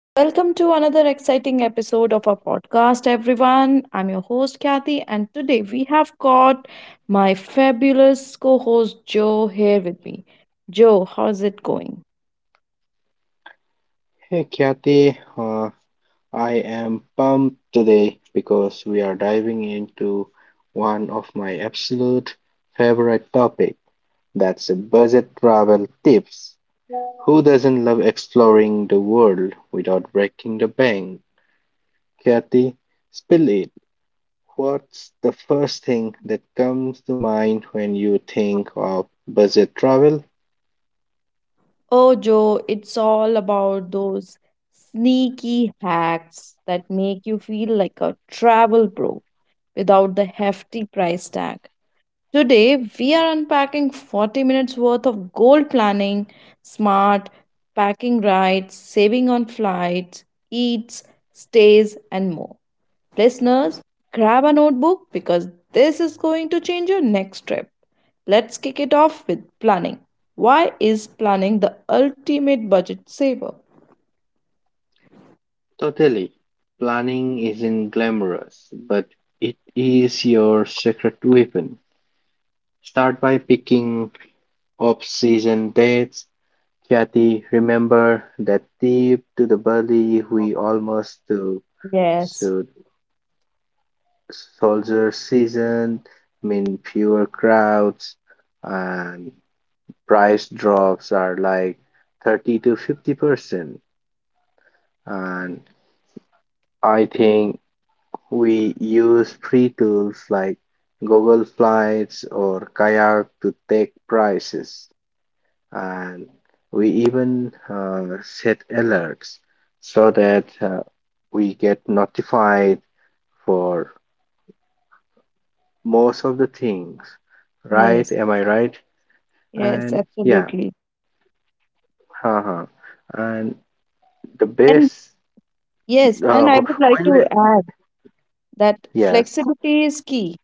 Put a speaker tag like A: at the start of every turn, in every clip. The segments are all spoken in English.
A: Welcome to another exciting episode of our podcast, everyone. I'm your host, Kathy, and today we have got my fabulous co host, Joe, here with me. Joe, how's it going?
B: Hey Kathy, I am pumped today because we are diving into one of my absolute favorite topic. That's budget travel tips. Who doesn't love exploring the world without breaking the bank? Kathy, spill it. What's the first thing that comes to mind when you think of budget travel?
A: Oh, Joe, it's all about those sneaky hacks that make you feel like a travel pro without the hefty price tag. Today, we are unpacking 40 minutes worth of goal planning, smart, packing right, saving on flights, eats, stays, and more. Listeners, grab a notebook because this is going to change your next trip. Let's kick it off with planning. Why is planning the ultimate budget saver?
B: Totally. Planning isn't glamorous, but it is your secret weapon. Start by picking off season dates. Kathy, remember that tip to the buddy we almost took.
A: Yes,
B: So, soldier season mean fewer crowds and price drops are like 30 to 50%. And I think we use free tools like Google Flights or Kayak to take prices, and we even set alerts so that we get notified for most of the things. Right?
A: yes,
B: Am I right?
A: yes,
B: And yeah,
A: absolutely.
B: haha. And the
A: And
B: best,
A: yes,
B: uh,
A: and I would like
B: when
A: to
B: we,
A: add that
B: yes,
A: flexibility is key.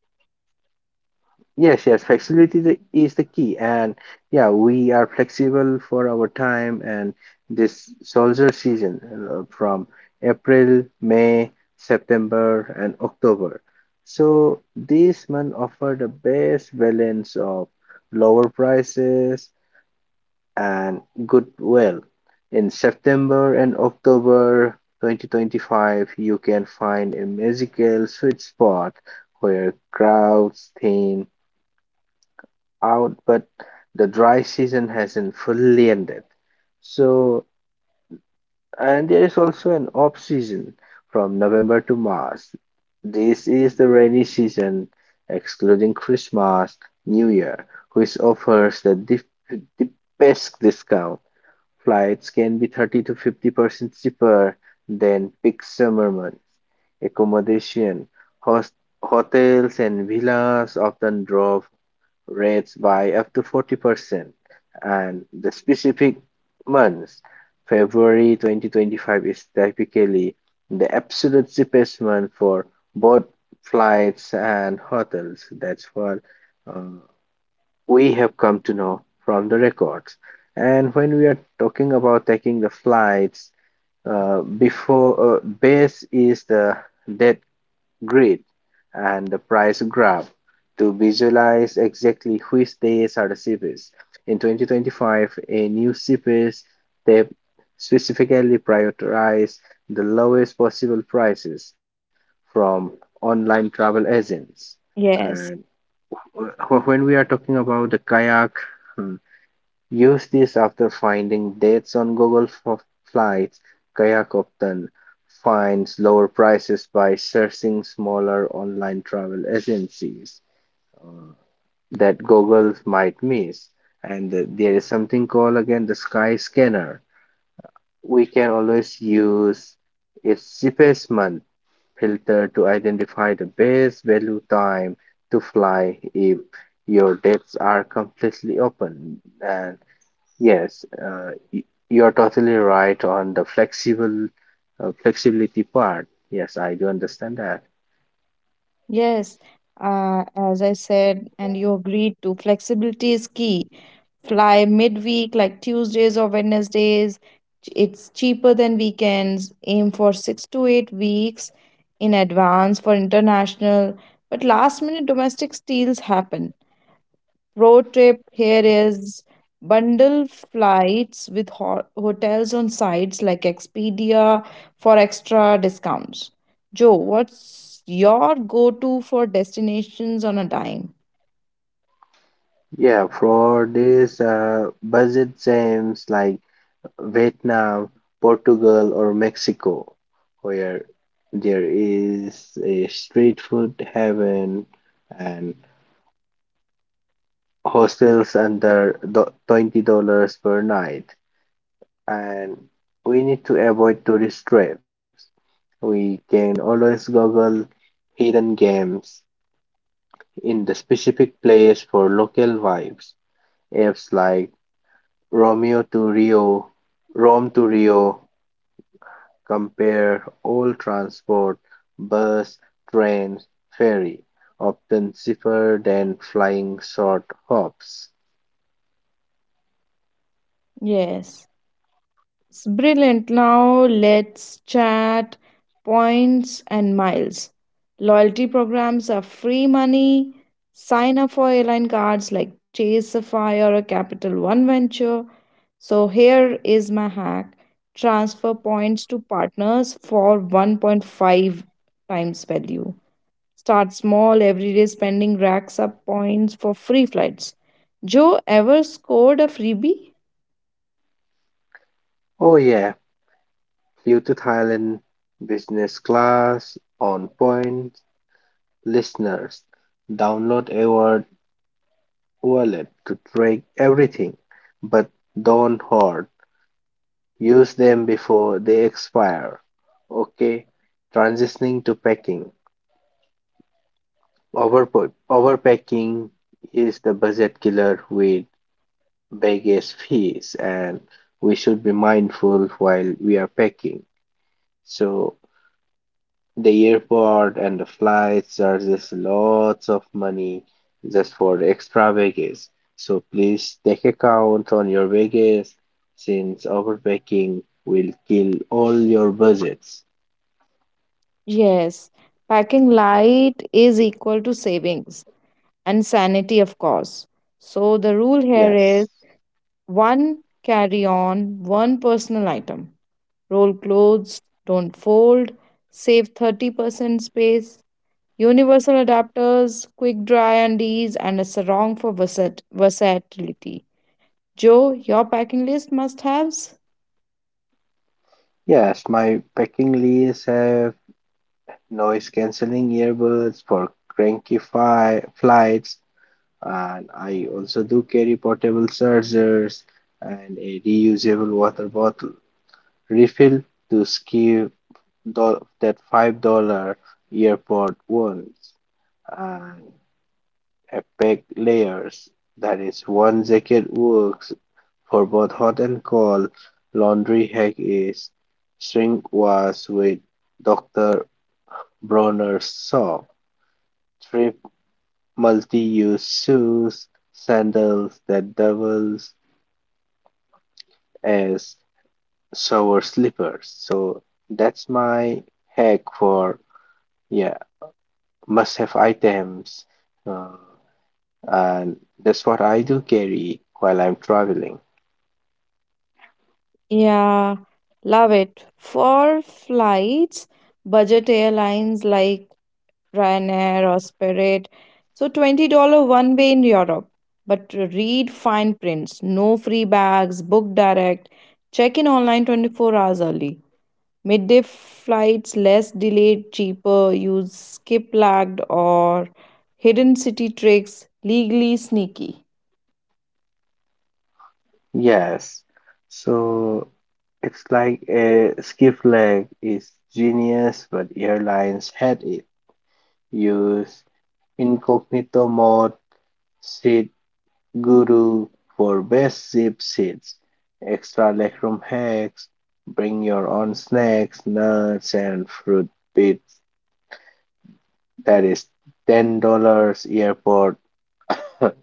B: Yes, flexibility is the key, and yeah, we are flexible for our time and this soldier season from April, May, September, and October. So these months offer the best balance of lower prices and goodwill. In September and October 2025, you can find a magical sweet spot where crowds thin out, but the dry season hasn't fully ended. So, and there is also an off season from November to March. This is the rainy season, excluding Christmas, New Year, which offers the best discount. Flights can be 30 to 50% cheaper than peak summer months. Accommodation, host, hotels, and villas often draw rates by up to 40%, and the specific months. February 2025 is typically the absolute cheapest month for both flights and hotels. That's what uh, we have come to know from the records. And when we are talking about taking the flights, before base is the dead grid, and the price graph to visualize exactly which days are the cheapest. In 2025, a new CPS tab specifically prioritized the lowest possible prices from online travel agents.
A: Yes,
B: And when we are talking about the kayak, hmm, use this after finding dates on Google for flights. Kayak often finds lower prices by searching smaller online travel agencies uh, that Google might miss. And there is something called again the Sky Scanner. We can always use its cheapest month filter to identify the best value time to fly if your dates are completely open. And yes, you're totally right on the flexible flexibility part. Yes, I do understand that.
A: yes. As I said, and you agreed to, flexibility is key. Fly midweek like Tuesdays or Wednesdays. It's cheaper than weekends. Aim for 6 to 8 weeks in advance for international, but last minute domestic deals happen. Road trip here is bundle flights with hotels on sites like Expedia for extra discounts. Joe, what's your go to for destinations on a dime?
B: Yeah, for this budget seems like Vietnam, Portugal, or Mexico, where there is a street food heaven and hostels under $20 per night, and we need to avoid tourist traps. We can always google hidden games in the specific place for local vibes. Apps like Romeo to Rio, Rome to Rio, compare all transport, bus, train, ferry, often cheaper than flying short hops.
A: Yes. It's brilliant. Now let's chat points and miles. Loyalty programs are free money. Sign up for airline cards like Chase Sapphire or Capital One Venture. So here is my hack. Transfer points to partners for 1.5 times value. Start small, everyday spending racks up points for free flights. Joe ever scored a freebie?
B: Oh yeah, flew to Thailand, business class, on point. Listeners, download a wallet to track everything, but don't hoard. Use them before they expire. Okay, transitioning to packing. Over, overpacking is the budget killer with baggage fees, and we should be mindful while we are packing. So, the airport and the flights charges lots of money just for extra baggage. So please take account on your baggage since overpacking will kill all your budgets.
A: Yes, packing light is equal to savings and sanity, of course. So the rule here is
B: Yes.
A: one carry on, one personal item. Roll clothes, don't fold, save 30% space. Universal adapters, quick dry undies, and a sarong for versatility. Joe, your packing list must haves?
B: Yes, my packing list have noise cancelling earbuds for cranky flights, and I also do carry portable chargers and a reusable water bottle refill to skip that $5 earpod ones and a pack layers. That is one jacket works for both hot and cold. Laundry hack is shrink wash with Dr. Bronner's soap. Three multi-use shoes, sandals that doubles as shower slippers. So that's my hack for yeah must-have items. Uh, and that's what I do carry while I'm traveling.
A: Yeah, love it. For flights, budget airlines like Ryanair or Spirit. So $20 one way in Europe. But read fine prints, no free bags, book direct, check in online 24 hours early. Midday flights less delayed, cheaper, use skip lagged or hidden city tricks, legally sneaky.
B: Yes. So it's like a skiff leg is genius, but airlines had it. Use incognito mode, seat guru for best zip seats, extra legroom hacks, bring your own snacks, nuts, and fruit bits. That is $10 airport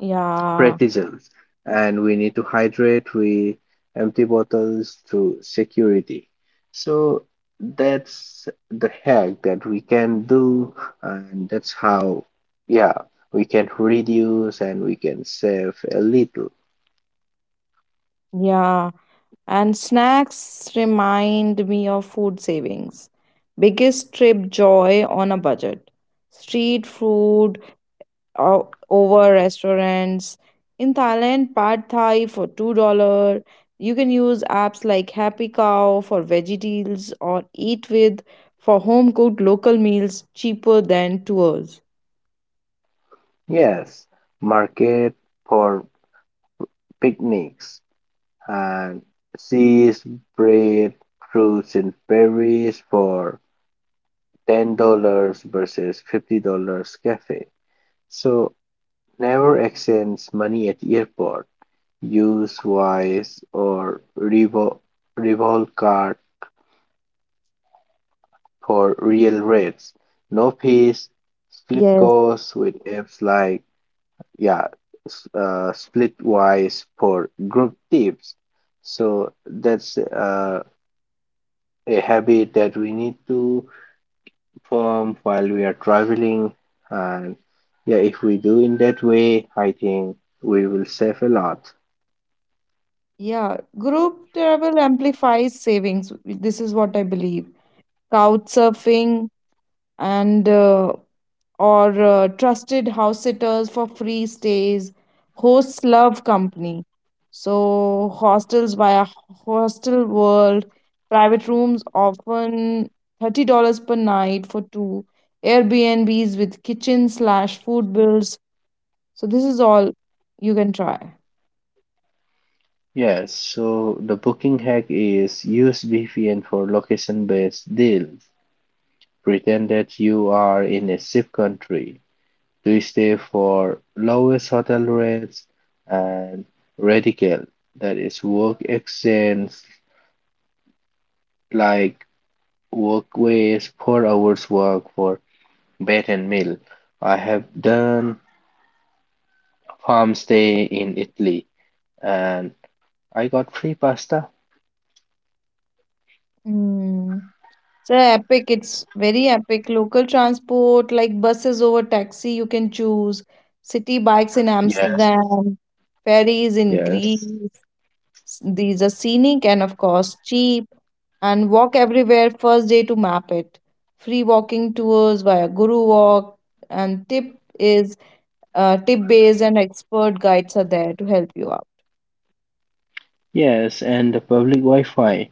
A: Yeah,
B: practices, and we need to hydrate with empty bottles through security. So that's the hack that we can do, and that's how, yeah, we can reduce and we can save a little.
A: yeah. And snacks remind me of food savings. Biggest trip joy on a budget. Street food over restaurants. In Thailand, pad thai for $2. You can use apps like Happy Cow for veggie deals or Eat With for home cooked local meals cheaper than tours.
B: Yes, market for picnics and seeds, bread, fruits, and berries for $10 versus $50 cafe. So never exchange money at airport. Use Revolut card for real rates. No fees. Split
A: Yes.
B: costs with apps like yeah, Splitwise for group tips. So that's a habit that we need to form while we are traveling. And yeah, if we do in that way, I think we will save a lot.
A: Yeah, group travel amplifies savings. This is what I believe. Couch surfing and or trusted house sitters for free stays. Hosts love company. So, hostels via Hostel World, private rooms often $30 per night for two, Airbnbs with kitchen slash food bills. So, this is all you can try.
B: Yes, so the booking hack is use VPN for location-based deals. Pretend that you are in a safe country to stay for lowest hotel rates and radical, that is work exchange like workways, 4 hours work for bed and meal. I have done farm stay in Italy and I got free pasta.
A: Mm. So epic, it's very epic. Local transport like buses over taxi, you can choose. City bikes in
B: Yes,
A: Amsterdam, ferries in
B: yes.
A: Greece. These are scenic and, of course, cheap. And walk everywhere first day to map it. Free walking tours via Guru Walk, and tip is tip based and expert guides are there to help you out.
B: Yes, and the public Wi-Fi.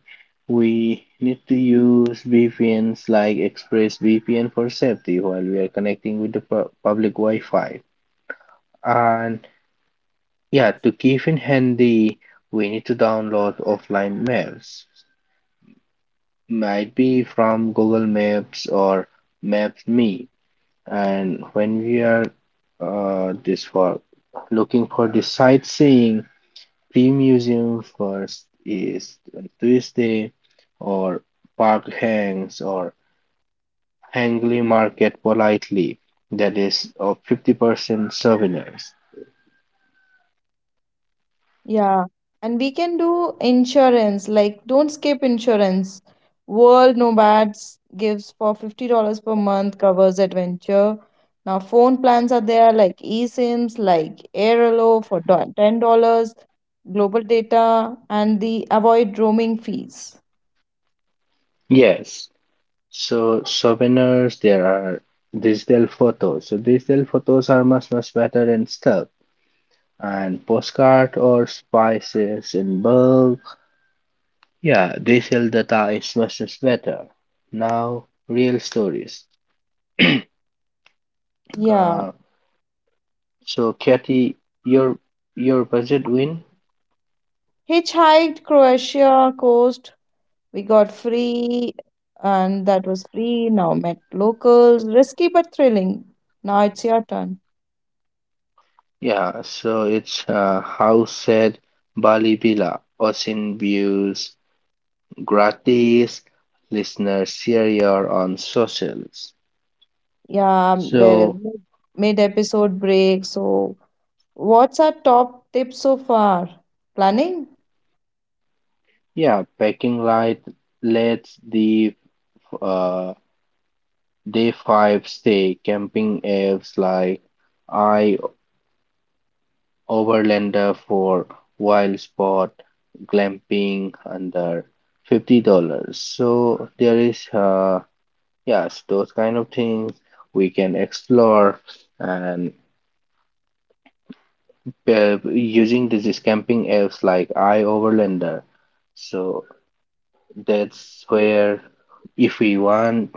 B: We need to use VPNs like ExpressVPN for safety while we are connecting with the public Wi-Fi. And yeah, to keep in handy, we need to download offline maps. Might be from Google Maps or Maps.me. And when we are this for looking for the sightseeing, free museum first is like Tuesday or Park Hangs or Hangley Market politely. That is of 50% souvenirs.
A: Yeah, and we can do insurance. Like, don't skip insurance. World Nomads gives for $50 per month, covers adventure. Now, phone plans are there like eSIMs, like Airelo for $10, global data, and the avoid roaming fees.
B: Yes. So souvenirs there are digital photos. So digital photos are much much better and stuff. And postcard or spices in bulk. Yeah, digital data is much much better. Now real stories.
A: Yeah.
B: Uh, So, Kathy, your your budget win?
A: Hitchhiked Croatia coast, we got free, and that was free. Now, met locals. Risky but thrilling. Now it's your turn.
B: Yeah, so it's house at Bali Villa, ocean views, gratis, listener share your on socials.
A: Yeah, there is
B: So,
A: no episode break. So, what's our top tip so far? Planning?
B: yeah, packing light, let's the uh, day five stay camping apps like Overlander for wild spot glamping under $50. So there is yes those kind of things we can explore, and using these camping apps like iOverlander. So that's where if we want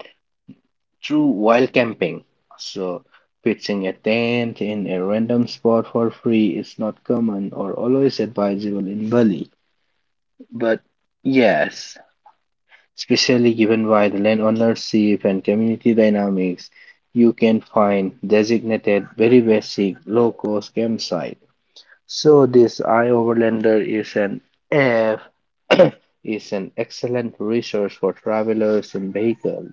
B: true wild camping, so pitching a tent in a random spot for free is not common or always advisable in Bali. But yes, especially given by the landownership and community dynamics, you can find designated very basic low cost campsite. So this iOverlander is an F is an excellent resource for travelers and vehicles,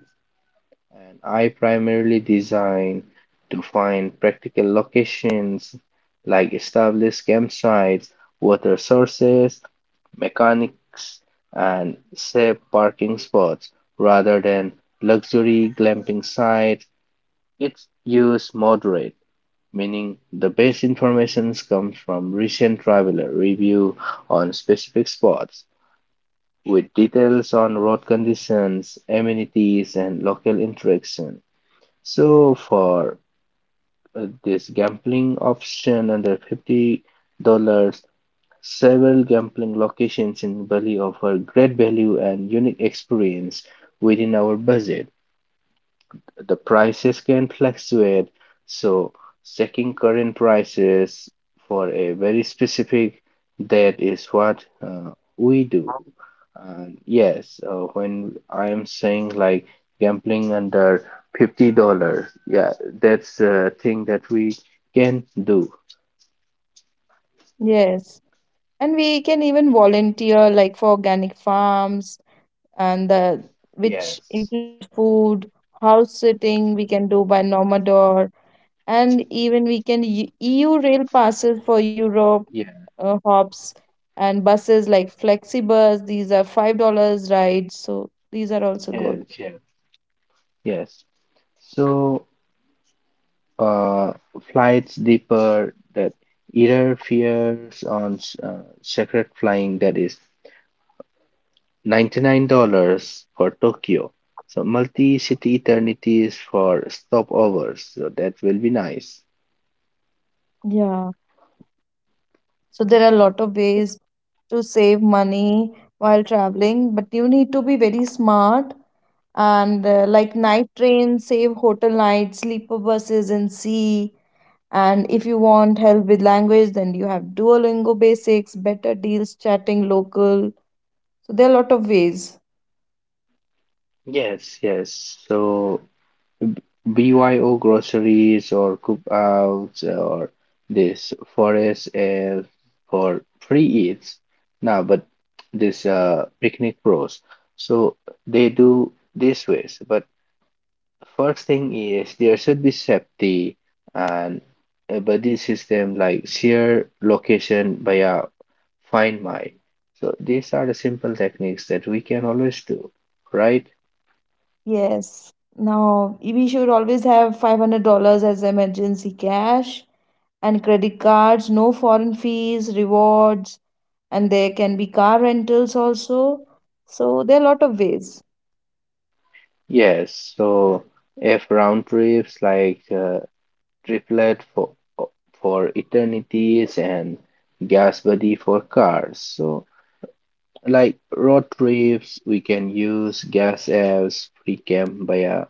B: and I primarily design to find practical locations like established campsites, water sources, mechanics, and safe parking spots rather than luxury glamping sites. Its use moderate, meaning the best information comes from recent traveler review on specific spots with details on road conditions, amenities, and local interaction. So for this gambling option under $50, several gambling locations in Bali offer great value and unique experience within our budget. The prices can fluctuate, so checking current prices for a very specific date is what we do. And yes, when I am saying like gambling under $50, yeah, that's a thing that we can do.
A: Yes. And we can even volunteer like for organic farms and the which
B: Yes.
A: includes food, house sitting we can do by Nomador, and even we can EU rail passes for Europe
B: Yeah.
A: hops and buses like Flexibus. These are $5 rides, so these are also good.
B: Yes. Yes. So, uh, flights deeper that error fears on sacred flying that is $99 for Tokyo. So, multi-city eternities for stopovers. So, that will be nice.
A: Yeah. So there are a lot of ways to save money while traveling, but you need to be very smart and like night trains, save hotel nights, sleeper buses, and sea. And if you want help with language, then you have Duolingo basics, better deals, chatting local. So there are a lot of ways.
B: Yes, yes. So, BYO groceries or cookouts or this forest air for free eats. Now, but this picnic pros. So they do this ways. But first thing is there should be safety and a buddy system like share location via Find My. So these are the simple techniques that we can always do, right?
A: Yes. Now, we should always have $500 as emergency cash and credit cards, no foreign fees, rewards, and there can be car rentals also, so there are a lot of ways.
B: Yes. So if round trips like triplet for eternities and gas body for cars. So like road trips, we can use gas apps pre-camp via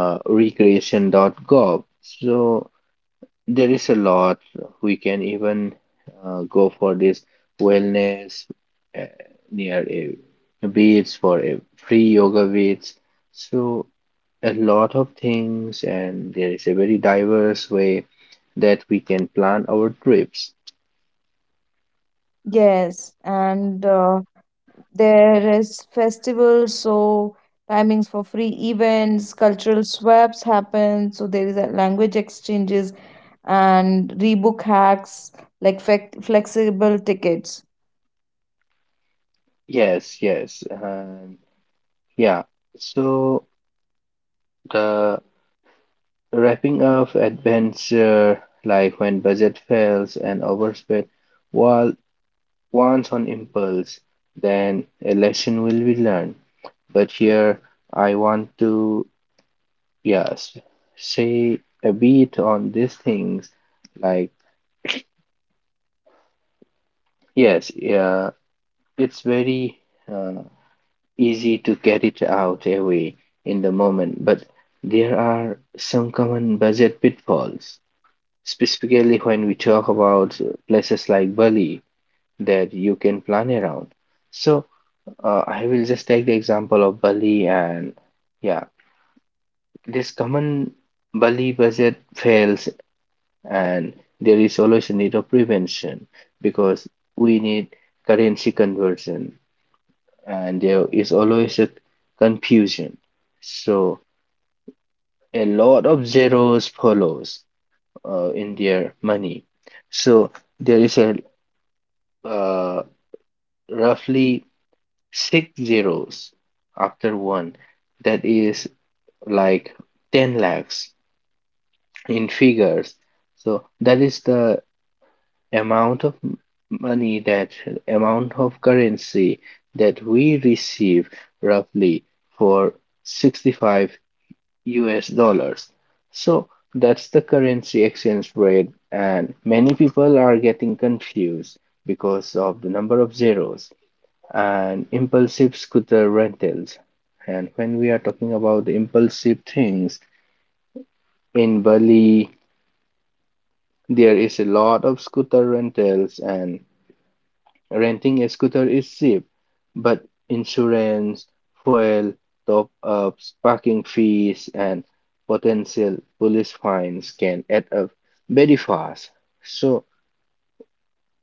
B: recreation.gov. So there is a lot. We can even go for this wellness uh, near a beach for a free yoga beach. So a lot of things, and there is a very diverse way that we can plan our trips.
A: Yes and There is festivals, so timings for free events, cultural swaps happen, so there is a language exchanges and rebook hacks like flexible tickets.
B: Yes, yes, and yeah. So the wrapping up adventure, like when budget fails and overspend, while once on impulse, then a lesson will be learned. But here I want to, yes, say a bit on these things, like yes, yeah it's very uh, easy to get it out away in the moment, but there are some common budget pitfalls, specifically when we talk about places like Bali that you can plan around. So I will just take the example of Bali and yeah, this common Bali budget fails, and there is always a need of prevention because we need currency conversion and there is always a confusion. So a lot of zeros follows in their money. So there is a uh, roughly six zeros after one that is like 10 lakhs in figures. So that is the amount of money that amount of currency that we receive roughly for 65 US dollars. So that's the currency exchange rate, and many people are getting confused because of the number of zeros and impulsive scooter rentals. And when we are talking about the impulsive things in Bali, there is a lot of scooter rentals and renting a scooter is cheap, but insurance, fuel, top-ups, parking fees, and potential police fines can add up very fast. So,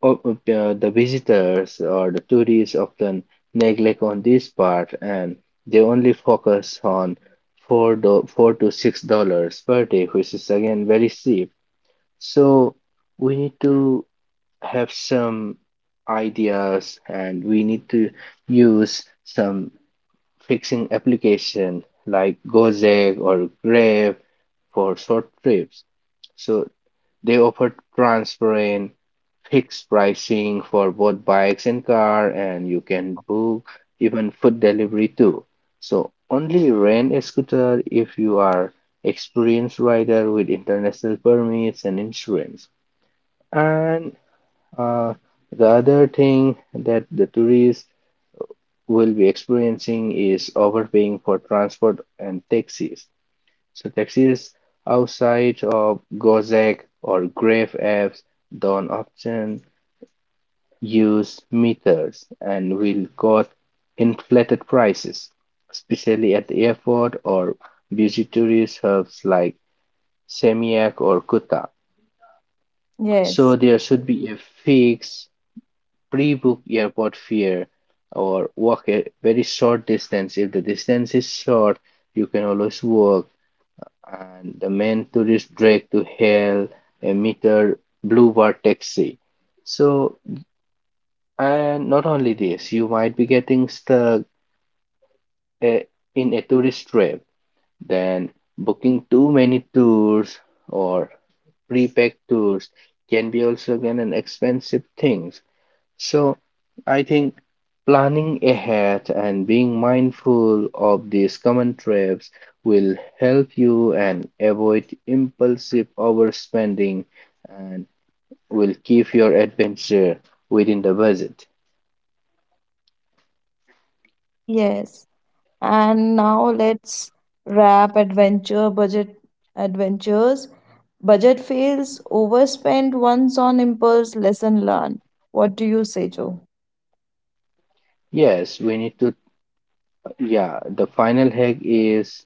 B: the visitors or the tourists often neglect on this part, and they only focus on $4 to $6 per day, which is again very cheap. So, we need to have some ideas and we need to use some fixing application like Gojek or Grab for short trips. So they offer transparent fixed pricing for both bikes and car and you can book even food delivery too. So only rent a scooter if you are experienced rider with international permits and insurance. And uh, the other thing that the tourists will be experiencing is overpaying for transport and taxis. So taxis outside of Gojek or Grab apps don't often use meters and will quote inflated prices, especially at the airport or busy tourist hubs like Seminyak or Kuta. So
A: Yes,
B: there should be a fix pre-book airport fare or walk a very short distance. If the distance is short, you can always walk. And the main tourist drag to hail a meter blue bar taxi. So, and not only this, you might be getting stuck eh, in a tourist trap, then booking too many tours or prepaid tours can be also again an expensive thing. So I think planning ahead and being mindful of these common traps will help you and avoid impulsive overspending and will keep your adventure within the budget.
A: yes. And now let's wrap adventure budget adventures. Budget fails, overspend once on impulse, lesson learned. What do you say, Joe?
B: Yes, we need to, yeah, the final hack is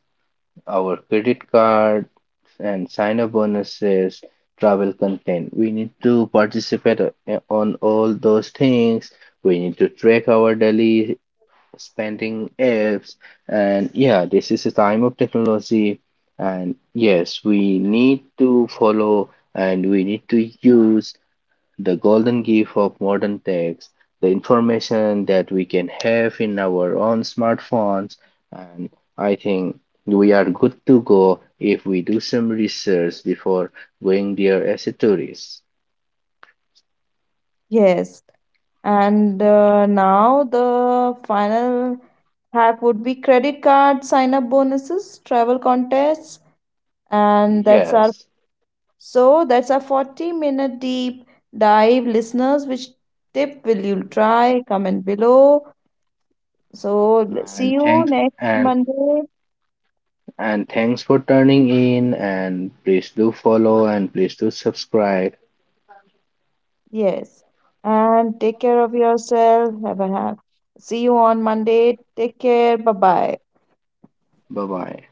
B: our credit card and sign up bonuses, travel content. We need to participate on all those things. We need to track our daily spending apps, and yeah this is a time of technology and yes we need to follow and we need to use the golden gift of modern techs, the information that we can have in our own smartphones, and I think we are good to go if we do some research before going there as a tourist.
A: Yes. And Now the final hack would be credit card sign up bonuses, travel contests, and that's our
B: Yes,
A: so that's our 40-minute deep dive, listeners. Which tip will you try? Comment below. So see
B: and
A: you
B: thanks,
A: next
B: and
A: Monday.
B: And thanks for turning in. And please do follow and please do subscribe.
A: Yes. And take care of yourself. Have a have. See you on Monday. Take care. Bye bye.
B: Bye bye.